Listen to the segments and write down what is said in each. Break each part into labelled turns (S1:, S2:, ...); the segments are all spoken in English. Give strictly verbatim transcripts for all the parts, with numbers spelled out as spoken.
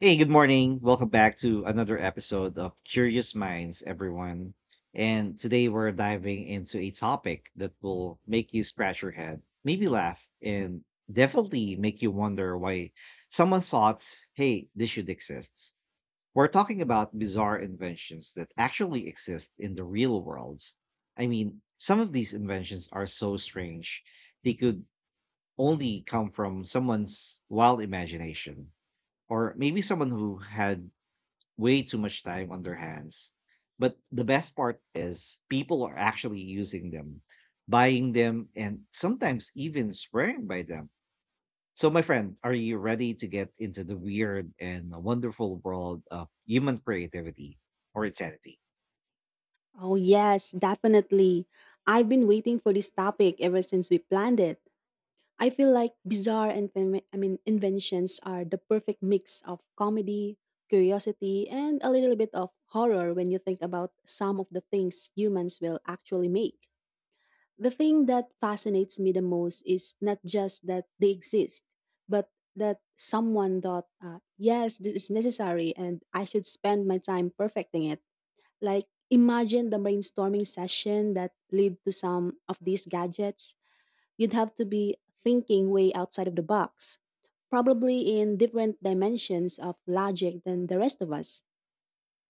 S1: Hey, good morning. Welcome back to another episode of Curious Minds, everyone. And today we're diving into a topic that will make you scratch your head, maybe laugh, and definitely make you wonder why someone thought, hey, this should exist. We're talking about bizarre inventions that actually exist in the real world. I mean, some of these inventions are so strange, they could only come from someone's wild imagination, or maybe someone who had way too much time on their hands. But the best part is people are actually using them, buying them, and sometimes even swearing by them. So, my friend, are you ready to get into the weird and wonderful world of human creativity or insanity?
S2: Oh, yes, definitely. I've been waiting for this topic ever since we planned it. I feel like bizarre and fami- I mean inventions are the perfect mix of comedy, curiosity, and a little bit of horror when you think about some of the things humans will actually make. The thing that fascinates me the most is not just that they exist, but that someone thought, uh, yes, this is necessary and I should spend my time perfecting it. Like, imagine the brainstorming session that lead to some of these gadgets. You'd have to be thinking way outside of the box, probably in different dimensions of logic than the rest of us.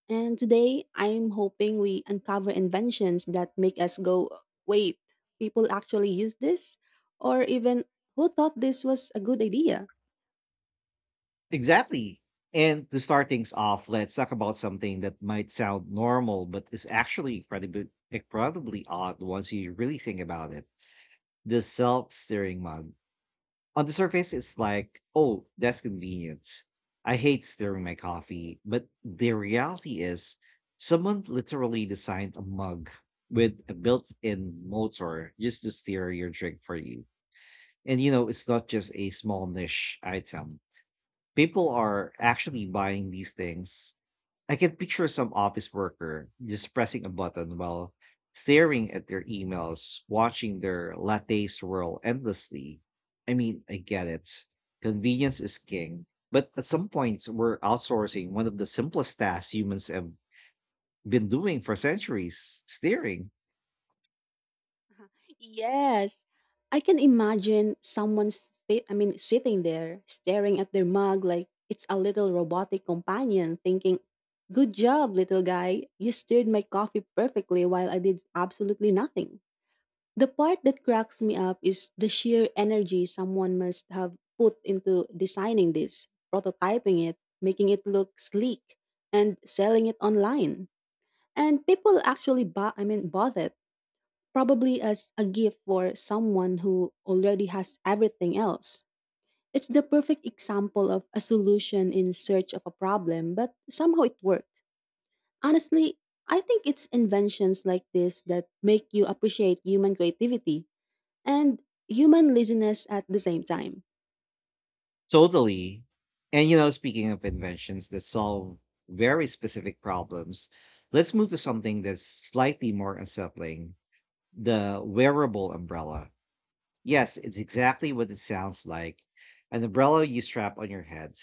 S2: And today, I'm hoping we uncover inventions that make us go, wait, people actually use this? Or even, who thought this was a good idea?
S1: Exactly. And to start things off, let's talk about something that might sound normal, but is actually incredibly, incredibly odd once you really think about it: the self steering mug. On the surface, it's like, oh, that's convenience. I hate stirring my coffee. But the reality is, someone literally designed a mug with a built in motor just to steer your drink for you. And you know, it's not just a small niche item. People are actually buying these things. I can picture some office worker just pressing a button while staring at their emails, watching their latte swirl endlessly. I mean, I get it. Convenience is king. But at some point, we're outsourcing one of the simplest tasks humans have been doing for centuries: steering.
S2: Yes, I can imagine someone sti- I mean sitting there staring at their mug like it's a little robotic companion thinking, "Good job, little guy. You stirred my coffee perfectly while I did absolutely nothing." The part that cracks me up is the sheer energy someone must have put into designing this, prototyping it, making it look sleek, and selling it online. And people actually buy I mean bought it probably as a gift for someone who already has everything else. It's the perfect example of a solution in search of a problem, but somehow it worked. Honestly, I think it's inventions like this that make you appreciate human creativity and human laziness at the same time.
S1: Totally. And, you know, speaking of inventions that solve very specific problems, let's move to something that's slightly more unsettling: the wearable umbrella. Yes, it's exactly what it sounds like. An umbrella you strap on your head.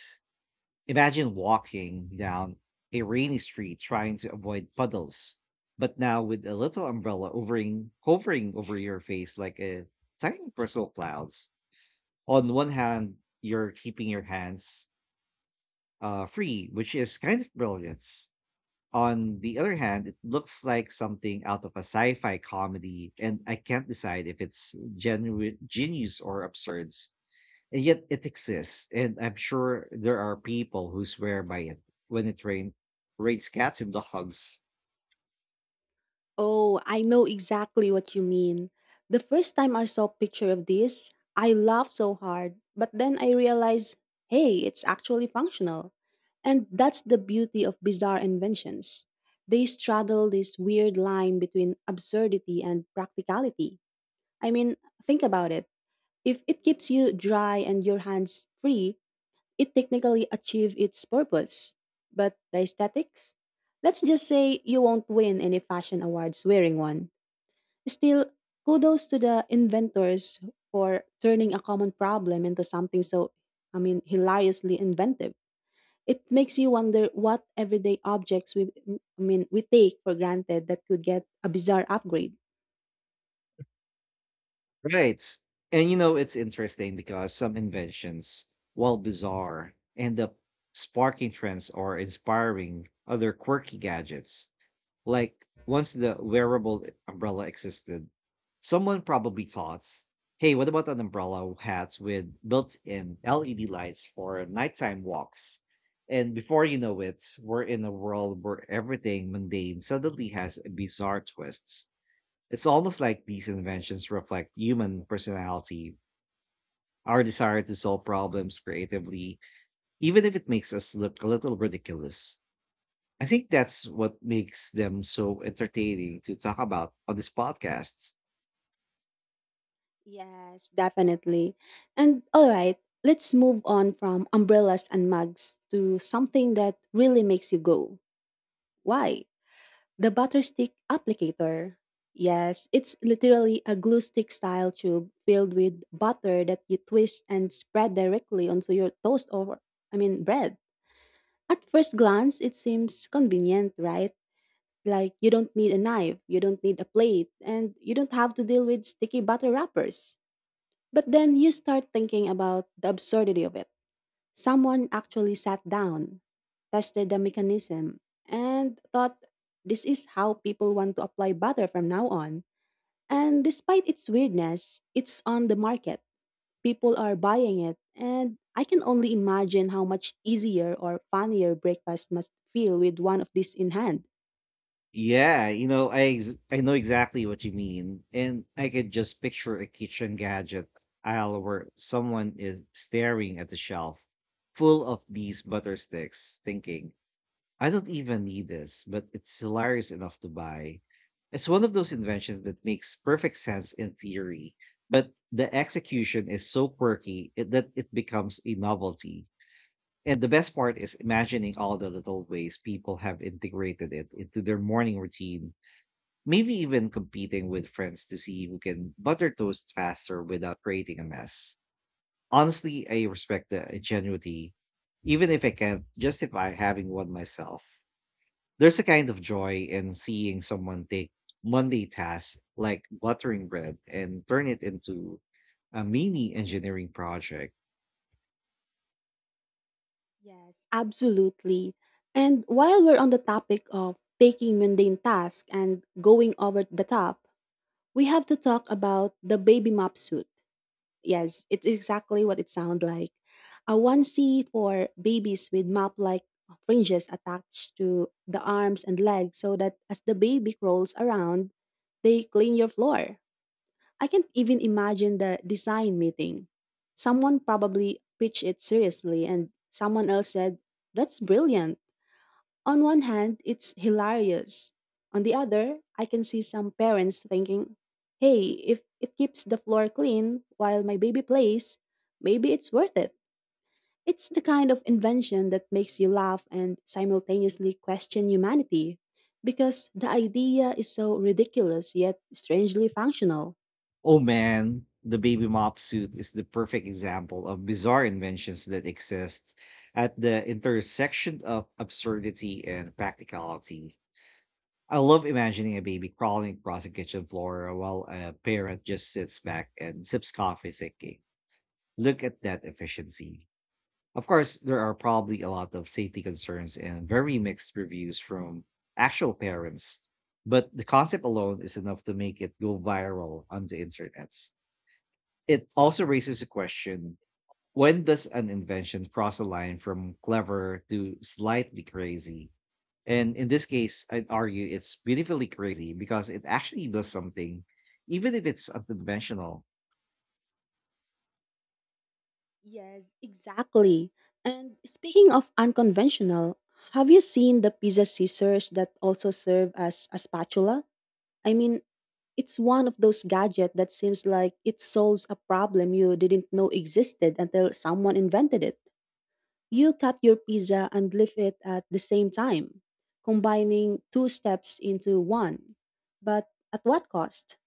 S1: Imagine walking down a rainy street trying to avoid puddles, but now with a little umbrella overing, hovering over your face like a tiny bristle clouds. On one hand, you're keeping your hands uh, free, which is kind of brilliant. On the other hand, it looks like something out of a sci-fi comedy, and I can't decide if it's genu- genius or absurd. And yet it exists, and I'm sure there are people who swear by it when it rain rains cats and dogs.
S2: Oh, I know exactly what you mean. The first time I saw picture of this, I laughed so hard, but then I realized, hey, it's actually functional. And that's the beauty of bizarre inventions. They straddle this weird line between absurdity and practicality. I mean, think about it. If it keeps you dry and your hands free, it technically achieves its purpose. But the aesthetics? Let's just say you won't win any fashion awards wearing one. Still, kudos to the inventors for turning a common problem into something so, I mean, hilariously inventive. It makes you wonder what everyday objects we, I mean, we take for granted that could get a bizarre upgrade.
S1: Right. And you know, it's interesting because some inventions, while bizarre, end up sparking trends or inspiring other quirky gadgets. Like, once the wearable umbrella existed, someone probably thought, hey, what about an umbrella hat with built in L E D lights for nighttime walks? And before you know it, we're in a world where everything mundane suddenly has bizarre twists. It's almost like these inventions reflect human personality, our desire to solve problems creatively, even if it makes us look a little ridiculous. I think that's what makes them so entertaining to talk about on this podcast.
S2: Yes, definitely. And all right, let's move on from umbrellas and mugs to something that really makes you go, why? The butter stick applicator. Yes, it's literally a glue stick style tube filled with butter that you twist and spread directly onto your toast or, I mean, bread. At first glance, it seems convenient, right? Like you don't need a knife, you don't need a plate, and you don't have to deal with sticky butter wrappers. But then you start thinking about the absurdity of it. Someone actually sat down, tested the mechanism, and thought, this is how people want to apply butter from now on. And despite its weirdness, it's on the market. People are buying it, and I can only imagine how much easier or funnier breakfast must feel with one of these in hand.
S1: Yeah, you know, I ex- I know exactly what you mean, and I could just picture a kitchen gadget aisle where someone is staring at the shelf full of these butter sticks, thinking, "I don't even need this," but it's hilarious enough to buy. It's one of those inventions that makes perfect sense in theory, but the execution is so quirky it- that it becomes a novelty. And the best part is imagining all the little ways people have integrated it into their morning routine, maybe even competing with friends to see who can butter toast faster without creating a mess. Honestly, I respect the ingenuity, even if I can't justify having one myself. There's a kind of joy in seeing someone take Monday tasks like buttering bread and turn it into a mini engineering project.
S2: Yes, absolutely. And while we're on the topic of taking mundane tasks and going over the top, we have to talk about the baby mop suit. Yes, it's exactly what it sounds like. A onesie for babies with mop like fringes attached to the arms and legs so that as the baby crawls around, they clean your floor. I can't even imagine the design meeting. Someone probably pitched it seriously, and someone else said, that's brilliant. On one hand, it's hilarious. On the other, I can see some parents thinking, hey, if it keeps the floor clean while my baby plays, maybe it's worth it. It's the kind of invention that makes you laugh and simultaneously question humanity because the idea is so ridiculous yet strangely functional.
S1: Oh man, the baby mop suit is the perfect example of bizarre inventions that exist at the intersection of absurdity and practicality. I love imagining a baby crawling across a kitchen floor while a parent just sits back and sips coffee thinking, look at that efficiency. Of course, there are probably a lot of safety concerns and very mixed reviews from actual parents, but the concept alone is enough to make it go viral on the internet. It also raises a question: when does an invention cross a line from clever to slightly crazy? And in this case, I'd argue it's beautifully crazy because it actually does something, even if it's unconventional.
S2: Yes, exactly. And speaking of unconventional, have you seen the pizza scissors that also serve as a spatula? I mean, it's one of those gadgets that seems like it solves a problem you didn't know existed until someone invented it. You cut your pizza and leave it at the same time, combining two steps into one. But at what cost?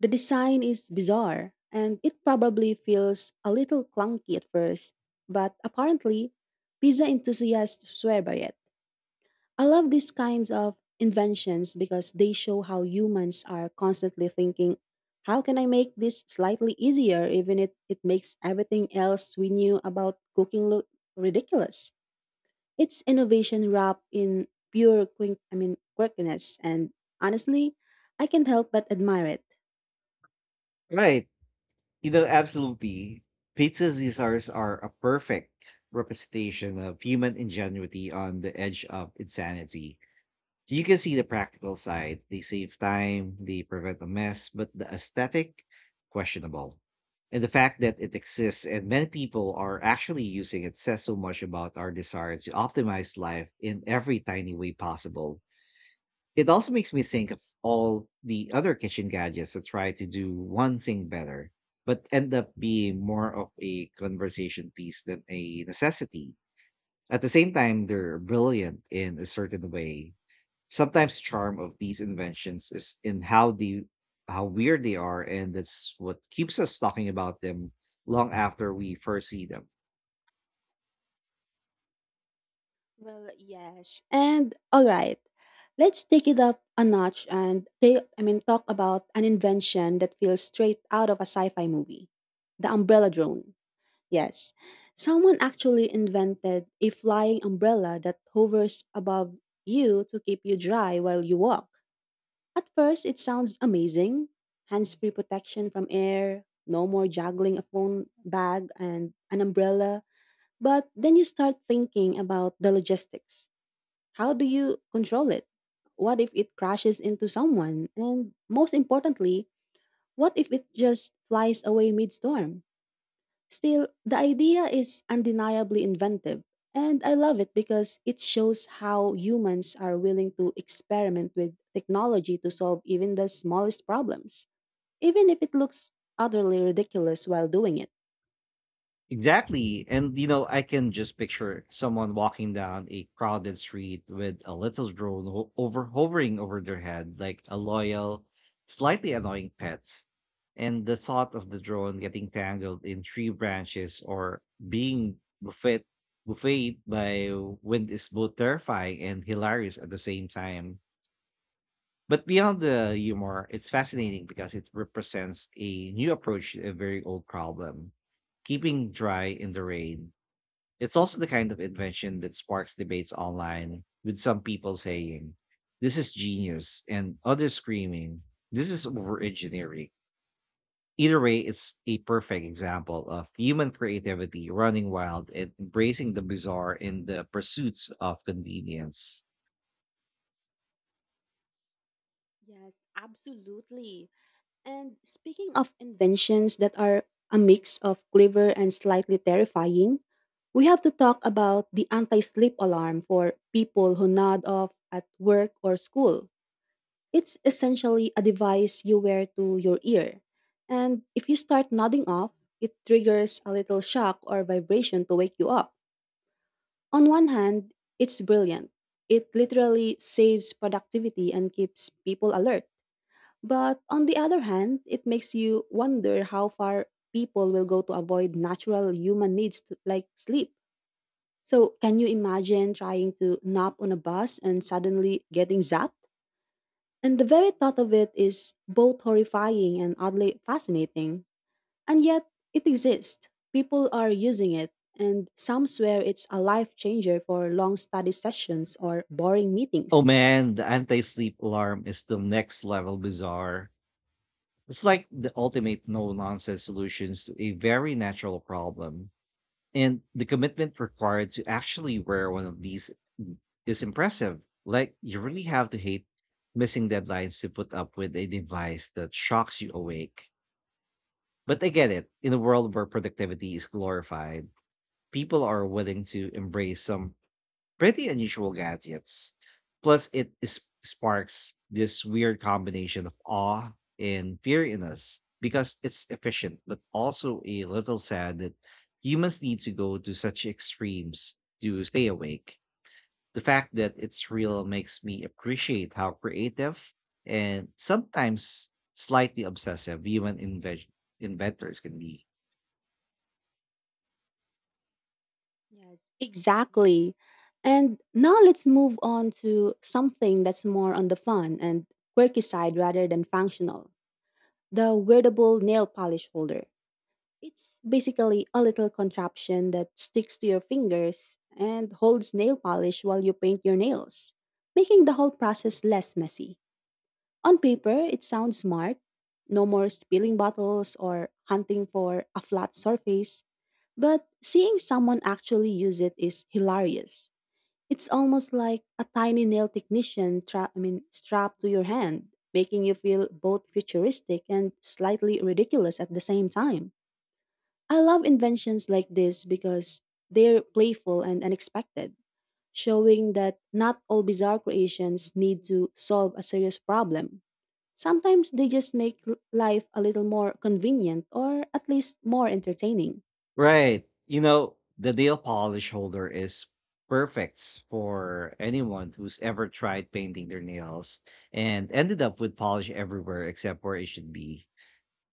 S2: The design is bizarre, and it probably feels a little clunky at first, but apparently, pizza enthusiasts swear by it. I love these kinds of inventions because they show how humans are constantly thinking, how can I make this slightly easier, even if it makes everything else we knew about cooking look ridiculous? It's innovation wrapped in pure quink I mean quirkiness and honestly, I can't help but admire it.
S1: Right. You know, absolutely. Pizza's desserts are a perfect representation of human ingenuity on the edge of insanity. You can see the practical side. They save time, they prevent a mess, but the aesthetic, questionable. And the fact that it exists and many people are actually using it says so much about our desire to optimize life in every tiny way possible. It also makes me think of all the other kitchen gadgets that try to do one thing better, but end up being more of a conversation piece than a necessity. At the same time, they're brilliant in a certain way. Sometimes charm of these inventions is in how the how weird they are, and that's what keeps us talking about them long after we first see them.
S2: Well, yes. And all right, let's take it up a notch and they I mean talk about an invention that feels straight out of a sci-fi movie. The umbrella drone. Yes. Someone actually invented a flying umbrella that hovers above you to keep you dry while you walk. At first, it sounds amazing. Hands-free protection from air, no more juggling a phone bag and an umbrella. But then you start thinking about the logistics, how do you control it? What if it crashes into someone? And most importantly, what if it just flies away mid storm? Still, the idea is undeniably inventive, and I love it because it shows how humans are willing to experiment with technology to solve even the smallest problems, even if it looks utterly ridiculous while doing it.
S1: Exactly. And you know, I can just picture someone walking down a crowded street with a little drone ho- over hovering over their head like a loyal, slightly annoying pet. And the thought of the drone getting tangled in tree branches or being buffet buffeted by wind is both terrifying and hilarious at the same time. But beyond the humor, it's fascinating because it represents a new approach to a very old problem: keeping dry in the rain. It's also the kind of invention that sparks debates online, with some people saying, "This is genius," and others screaming, "This is over engineering." Either way, it's a perfect example of human creativity running wild and embracing the bizarre in the pursuits of convenience.
S2: Yes, absolutely. And speaking of inventions that are a mix of clever and slightly terrifying, we have to talk about the anti sleep alarm for people who nod off at work or school. It's essentially a device you wear to your ear. And if you start nodding off, it triggers a little shock or vibration to wake you up. On one hand, it's brilliant. It literally saves productivity and keeps people alert. But on the other hand, it makes you wonder how far people will go to avoid natural human needs to, like sleep. So, can you imagine trying to nap on a bus and suddenly getting zapped? And the very thought of it is both horrifying and oddly fascinating. And yet, it exists. People are using it, and some swear it's a life changer for long study sessions or boring
S1: Oh
S2: meetings.
S1: man, the anti-sleep alarm is the next level bizarre. It's like the ultimate no-nonsense solutions to a very natural problem. And the commitment required to actually wear one of these is impressive. Like you really have to hate missing deadlines to put up with a device that shocks you awake. But I get it. In a world where productivity is glorified, people are willing to embrace some pretty unusual gadgets. Plus, it is, sparks this weird combination of awe and fear in us because it's efficient, but also a little sad that humans need to go to such extremes to stay awake. The fact that it's real makes me appreciate how creative and sometimes slightly obsessive human inve- inventors can be.
S2: Yes, exactly. And now let's move on to something that's more on the fun and quirky side rather than functional, the wearable nail polish holder. It's basically a little contraption that sticks to your fingers and holds nail polish while you paint your nails, making the whole process less messy. On paper, it sounds smart, no more spilling bottles or hunting for a flat surface, but seeing someone actually use it is hilarious. It's almost like a tiny nail technician tra- I mean, strapped to your hand, making you feel both futuristic and slightly ridiculous at the same time. I love inventions like this because they're playful and unexpected, showing that not all bizarre creations need to solve a serious problem. Sometimes they just make l- life a little more convenient or at least more entertaining.
S1: Right. You know, the nail polish holder is perfect for anyone who's ever tried painting their nails and ended up with polish everywhere except where it should be.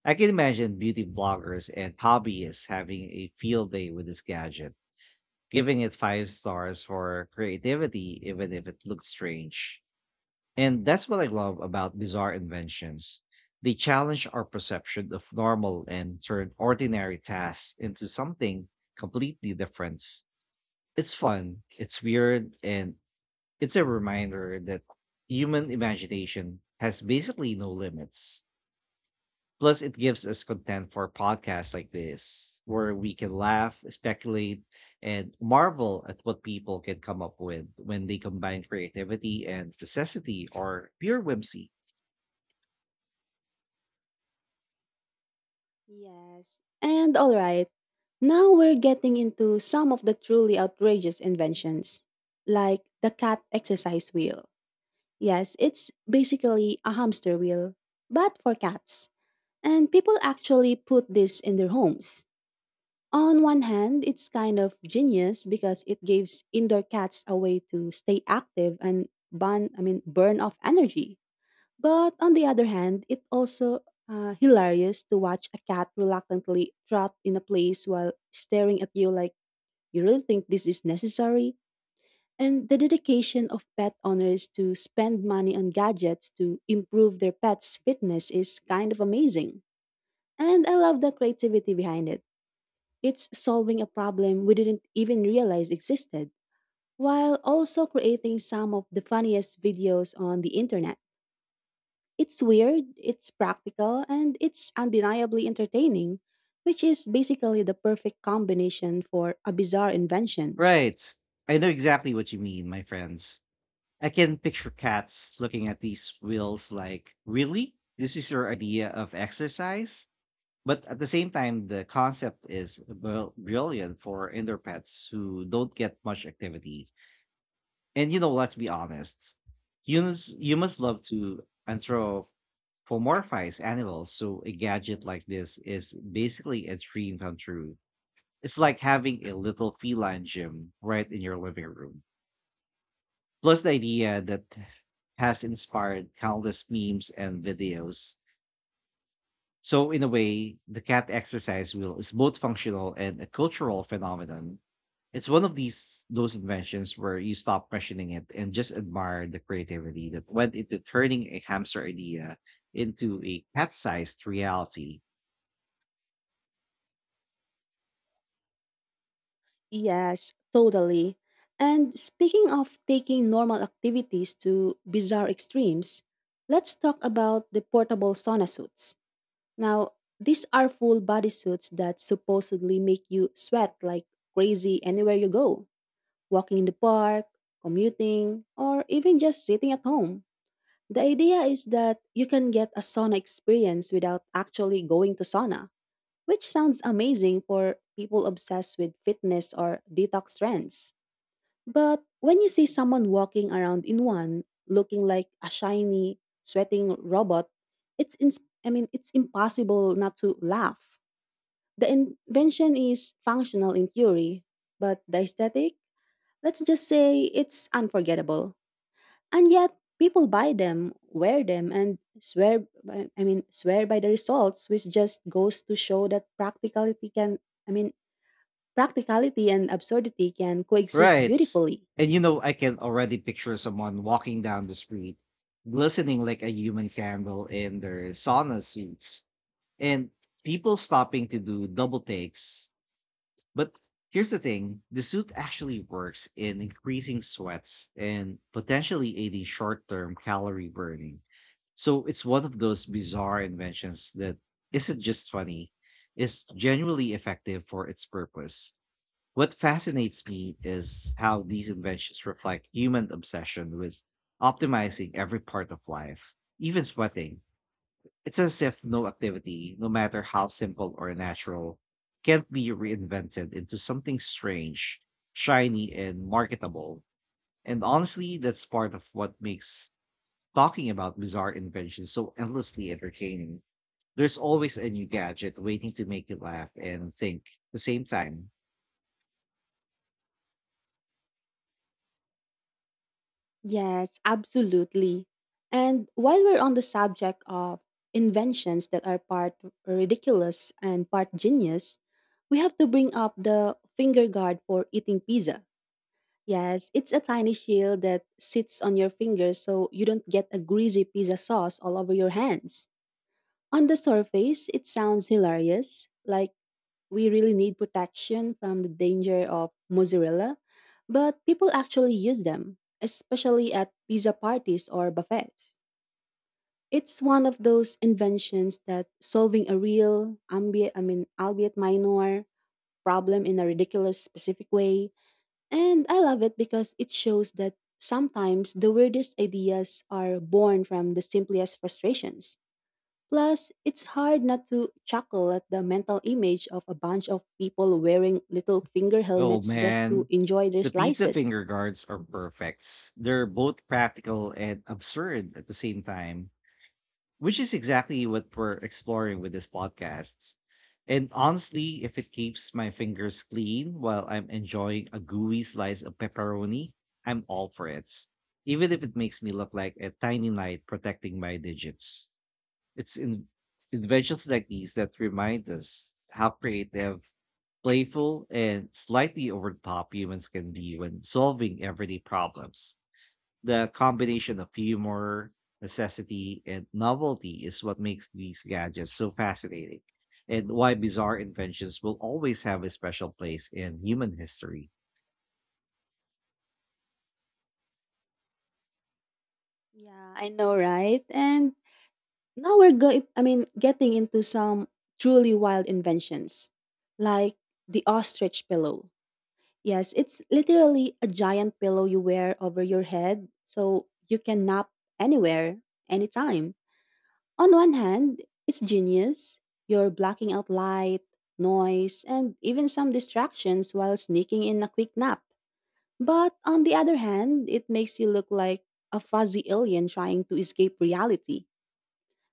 S1: I can imagine beauty bloggers and hobbyists having a field day with this gadget, giving it five stars for creativity, even if it looks strange. And that's what I love about bizarre inventions. They challenge our perception of normal and turn ordinary tasks into something completely different. It's fun, it's weird, and it's a reminder that human imagination has basically no limits. Plus, it gives us content for podcasts like this, where we can laugh, speculate, and marvel at what people can come up with when they combine creativity and necessity or pure whimsy.
S2: Yes. And all right, now we're getting into some of the truly outrageous inventions, like the cat exercise wheel. Yes, it's basically a hamster wheel, but for cats. And people actually put this in their homes. On one hand, it's kind of genius because it gives indoor cats a way to stay active and burn, I mean, burn off energy. But on the other hand, it also uh, hilarious to watch a cat reluctantly trot in a place while staring at you like you really think this is necessary. And the dedication of pet owners to spend money on gadgets to improve their pets' fitness is kind of amazing. And I love the creativity behind it. It's solving a problem we didn't even realize existed, while also creating some of the funniest videos on the internet. It's weird, it's practical, and it's undeniably entertaining, which is basically the perfect combination for a bizarre invention.
S1: Right. I know exactly what you mean, my friends. I can picture cats looking at these wheels like, really? This is your idea of exercise? But at the same time, the concept is bril- brilliant for indoor pets who don't get much activity. And you know, let's be honest, humans, humans love to anthropomorphize animals, so a gadget like this is basically a dream come true. It's like having a little feline gym right in your living room. Plus the idea that has inspired countless memes and videos. So in a way, the cat exercise wheel is both functional and a cultural phenomenon. It's one of these those inventions where you stop questioning it and just admire the creativity that went into turning a hamster idea into a cat-sized reality.
S2: Yes, totally. And speaking of taking normal activities to bizarre extremes, let's talk about the portable sauna suits. Now, these are full body suits that supposedly make you sweat like crazy anywhere you go, walking in the park, commuting, or even just sitting at home. The idea is that you can get a sauna experience without actually going to sauna, which sounds amazing for people obsessed with fitness or detox trends. But when you see someone walking around in one, looking like a shiny, sweating robot, it's ins- I mean it's impossible not to laugh. The invention is functional in theory, but the aesthetic, let's just say it's unforgettable. And yet, people buy them, wear them, and swear by- I mean swear by the results, which just goes to show that practicality can I mean practicality and absurdity can coexist
S1: Right.
S2: beautifully.
S1: And you know, I can already picture someone walking down the street, glistening like a human candle in their sauna suits, and people stopping to do double takes. But here's the thing: the suit actually works in increasing sweats and potentially aiding short term calorie burning. So it's one of those bizarre inventions that isn't just funny, it's genuinely effective for its purpose. What fascinates me is how these inventions reflect human obsession with optimizing every part of life, even sweating. It's as if no activity, no matter how simple or natural, can be reinvented into something strange, shiny, and marketable. And honestly, that's part of what makes talking about bizarre inventions so endlessly entertaining. There's always a new gadget waiting to make you laugh and think at the same time.
S2: Yes, absolutely. And while we're on the subject of inventions that are part ridiculous and part genius, we have to bring up the finger guard for eating pizza. Yes, it's a tiny shield that sits on your fingers so you don't get a greasy pizza sauce all over your hands. On the surface, it sounds hilarious, like we really need protection from the danger of mozzarella, but people actually use them, especially at pizza parties or buffets. It's one of those inventions that solving a real, ambient, I mean, albeit minor, problem in a ridiculous specific way, and I love it because it shows that sometimes the weirdest ideas are born from the simplest frustrations. Plus, it's hard not to chuckle at the mental image of a bunch of people wearing little finger
S1: Oh
S2: helmets just to
S1: man,
S2: enjoy their
S1: the pizza
S2: slices.
S1: finger guards are perfect. They're both practical and absurd at the same time, which is exactly what we're exploring with this podcast. And honestly, if it keeps my fingers clean while I'm enjoying a gooey slice of pepperoni, I'm all for it. Even if it makes me look like a tiny knight protecting my digits. It's in Inventions like these that remind us how creative, playful, and slightly over the top humans can be when solving everyday problems. The combination of humor, necessity, and novelty is what makes these gadgets so fascinating, and why bizarre inventions will always have a special place in human history.
S2: Yeah, I know, right? And now we're going, I mean, getting into some truly wild inventions, like the ostrich pillow. Yes, it's literally a giant pillow you wear over your head so you can nap anywhere, anytime. On one hand, it's genius. You're blocking out light, noise, and even some distractions while sneaking in a quick nap. But on the other hand, it makes you look like a fuzzy alien trying to escape reality.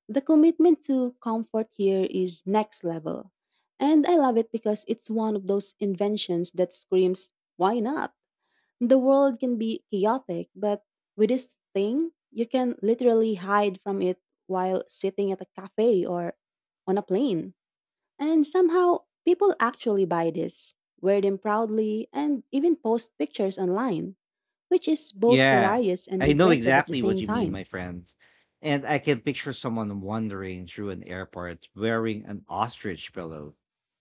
S2: The commitment to comfort here is next level. And I love it because it's one of those inventions that screams, why not? The world can be chaotic, but with this thing, you can literally hide from it while sitting at a cafe or on a plane. And somehow, people actually buy this, wear them proudly, and even post pictures online, which is both
S1: Yeah,
S2: hilarious and
S1: I know
S2: impressive at the
S1: exactly what
S2: same
S1: you mean, my
S2: time.
S1: friend. And I can picture someone wandering through an airport wearing an ostrich pillow,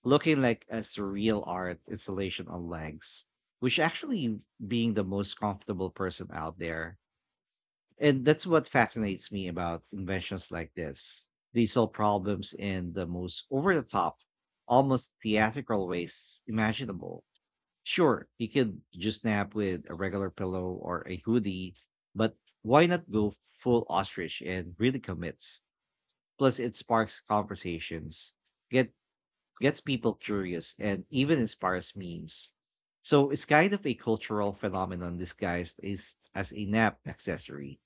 S1: looking like a surreal art installation on legs, which actually being the most comfortable person out there. And that's what fascinates me about inventions like this. They solve problems in the most over the top, almost theatrical ways imaginable. Sure, you could just nap with a regular pillow or a hoodie, but why not go full ostrich and really commit? Plus, it sparks conversations, get gets people curious, and even inspires memes. So it's kind of a cultural phenomenon disguised as, as a nap accessory.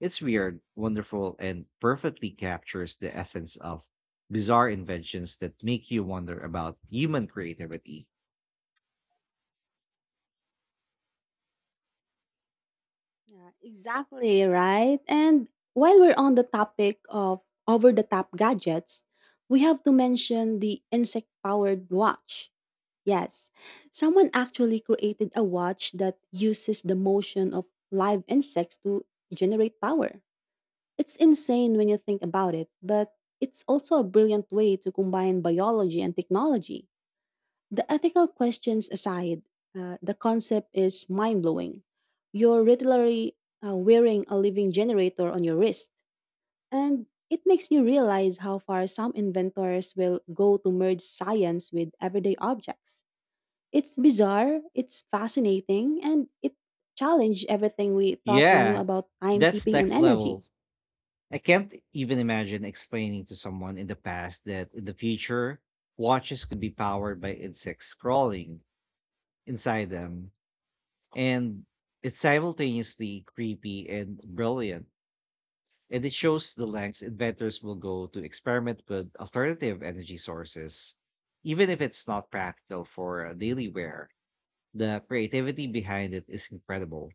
S1: It's weird, wonderful, and perfectly captures the essence of bizarre inventions that make you wonder about human creativity.
S2: Yeah, exactly, right? And while we're on the topic of over the top gadgets, we have to mention the insect powered watch. Yes, someone actually created a watch that uses the motion of live insects to generate power. It's insane when you think about it, but it's also a brilliant way to combine biology and technology. The ethical questions aside, uh, the concept is mind blowing. You're literally uh, wearing a living generator on your wrist, and it makes you realize how far some inventors will go to merge science with everyday objects. It's bizarre, it's fascinating, and it challenged everything we thought we knew
S1: Yeah,
S2: about
S1: that's
S2: timekeeping and
S1: next
S2: energy.
S1: level. I can't even imagine explaining to someone in the past that in the future, watches could be powered by insects crawling inside them. And it's simultaneously creepy and brilliant. And it shows the lengths inventors will go to experiment with alternative energy sources. Even if it's not practical for daily wear, the creativity behind it is incredible.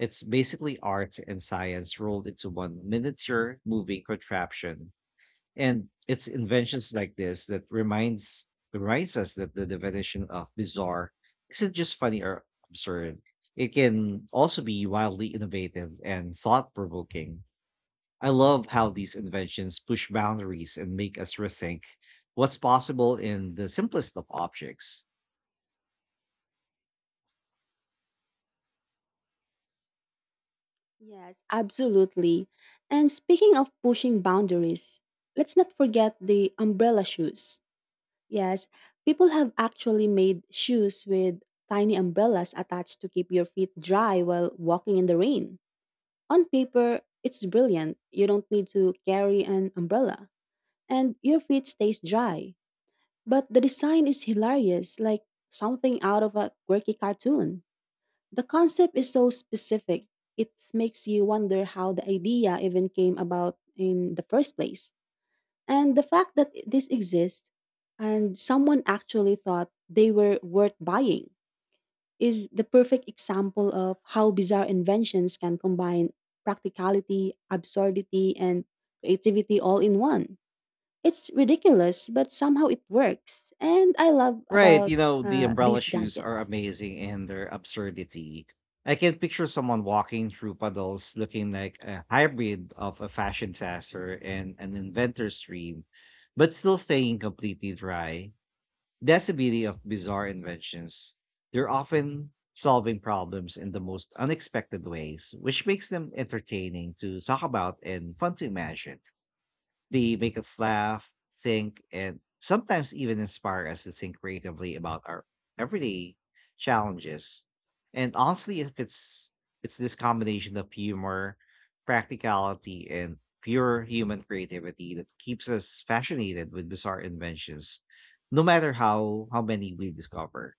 S1: It's basically art and science rolled into one miniature moving contraption. And it's inventions like this that reminds reminds us that the definition of bizarre isn't just funny or absurd. It can also be wildly innovative and thought provoking. I love how these inventions push boundaries and make us rethink what's possible in the simplest of objects.
S2: Yes, absolutely. And speaking of pushing boundaries, let's not forget the umbrella shoes. Yes, people have actually made shoes with tiny umbrellas attached to keep your feet dry while walking in the rain. On paper, it's brilliant. You don't need to carry an umbrella, and your feet stays dry. But the design is hilarious, like something out of a quirky cartoon. The concept is so specific, it makes you wonder how the idea even came about in the first place. And the fact that this exists and someone actually thought they were worth buying is the perfect example of how bizarre inventions can combine practicality, absurdity, and creativity all in one. It's ridiculous, but somehow it works. And I love
S1: Right,
S2: about
S1: you know, the
S2: uh,
S1: umbrella
S2: these
S1: shoes are
S2: gadgets.
S1: amazing in their absurdity. I can picture someone walking through puddles looking like a hybrid of a fashion disaster and an inventor's dream, but still staying completely dry. That's the beauty of bizarre inventions. They're often solving problems in the most unexpected ways, which makes them entertaining to talk about and fun to imagine. They make us laugh, think, and sometimes even inspire us to think creatively about our everyday challenges. And honestly, if it's it's this combination of humor, practicality, and pure human creativity that keeps us fascinated with bizarre inventions, no matter how how many we discover.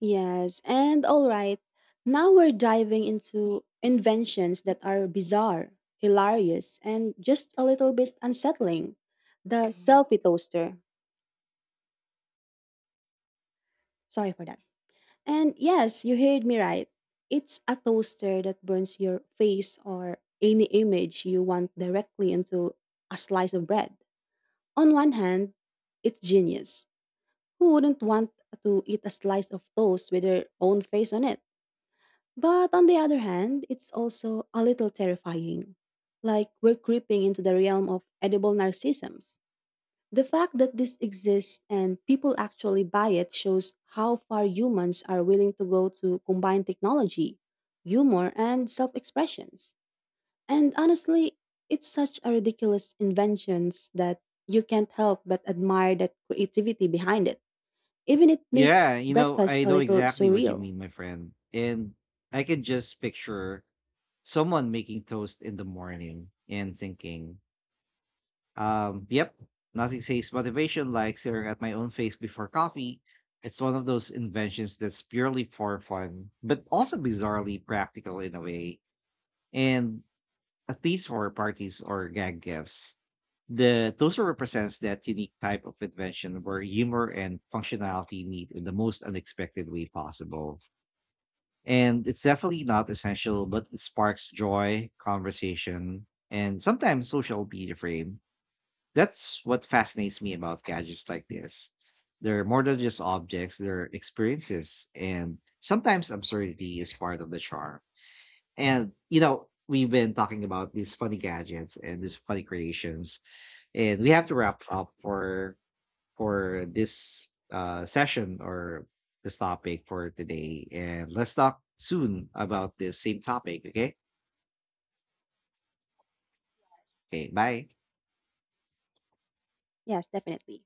S2: Yes, and all right. Now we're diving into inventions that are bizarre, hilarious, and just a little bit unsettling. The selfie toaster. Sorry for that. And yes, you heard me right. It's a toaster that burns your face or any image you want directly into a slice of bread. On one hand, it's genius. Who wouldn't want to eat a slice of toast with their own face on it? But on the other hand, it's also a little terrifying. Like we're creeping into the realm of edible narcissisms. The fact that this exists and people actually buy it shows how far humans are willing to go to combine technology, humor, and self expressions. And honestly, it's such a ridiculous inventions that you can't help but admire that creativity behind it. Even it makes
S1: Yeah, you know, I
S2: breakfast a
S1: know
S2: little
S1: exactly what you
S2: surreal.
S1: mean, my friend. And I can just picture someone making toast in the morning and thinking, Um, yep, nothing says motivation like staring at my own face before coffee. It's one of those inventions that's purely for fun, but also bizarrely practical in a way, and at least for parties or gag gifts. The toaster represents that unique type of invention where humor and functionality meet in the most unexpected way possible. And it's definitely not essential, but it sparks joy, conversation, and sometimes social media frame that's what fascinates me about gadgets like this. They're more than just objects, they're experiences, and sometimes absurdity is part of the charm. And, you know, we've been talking about these funny gadgets and these funny creations, and we have to wrap up for for this uh, session or this topic for today. And let's talk soon about this same topic, okay? Okay, bye.
S2: Yes, definitely.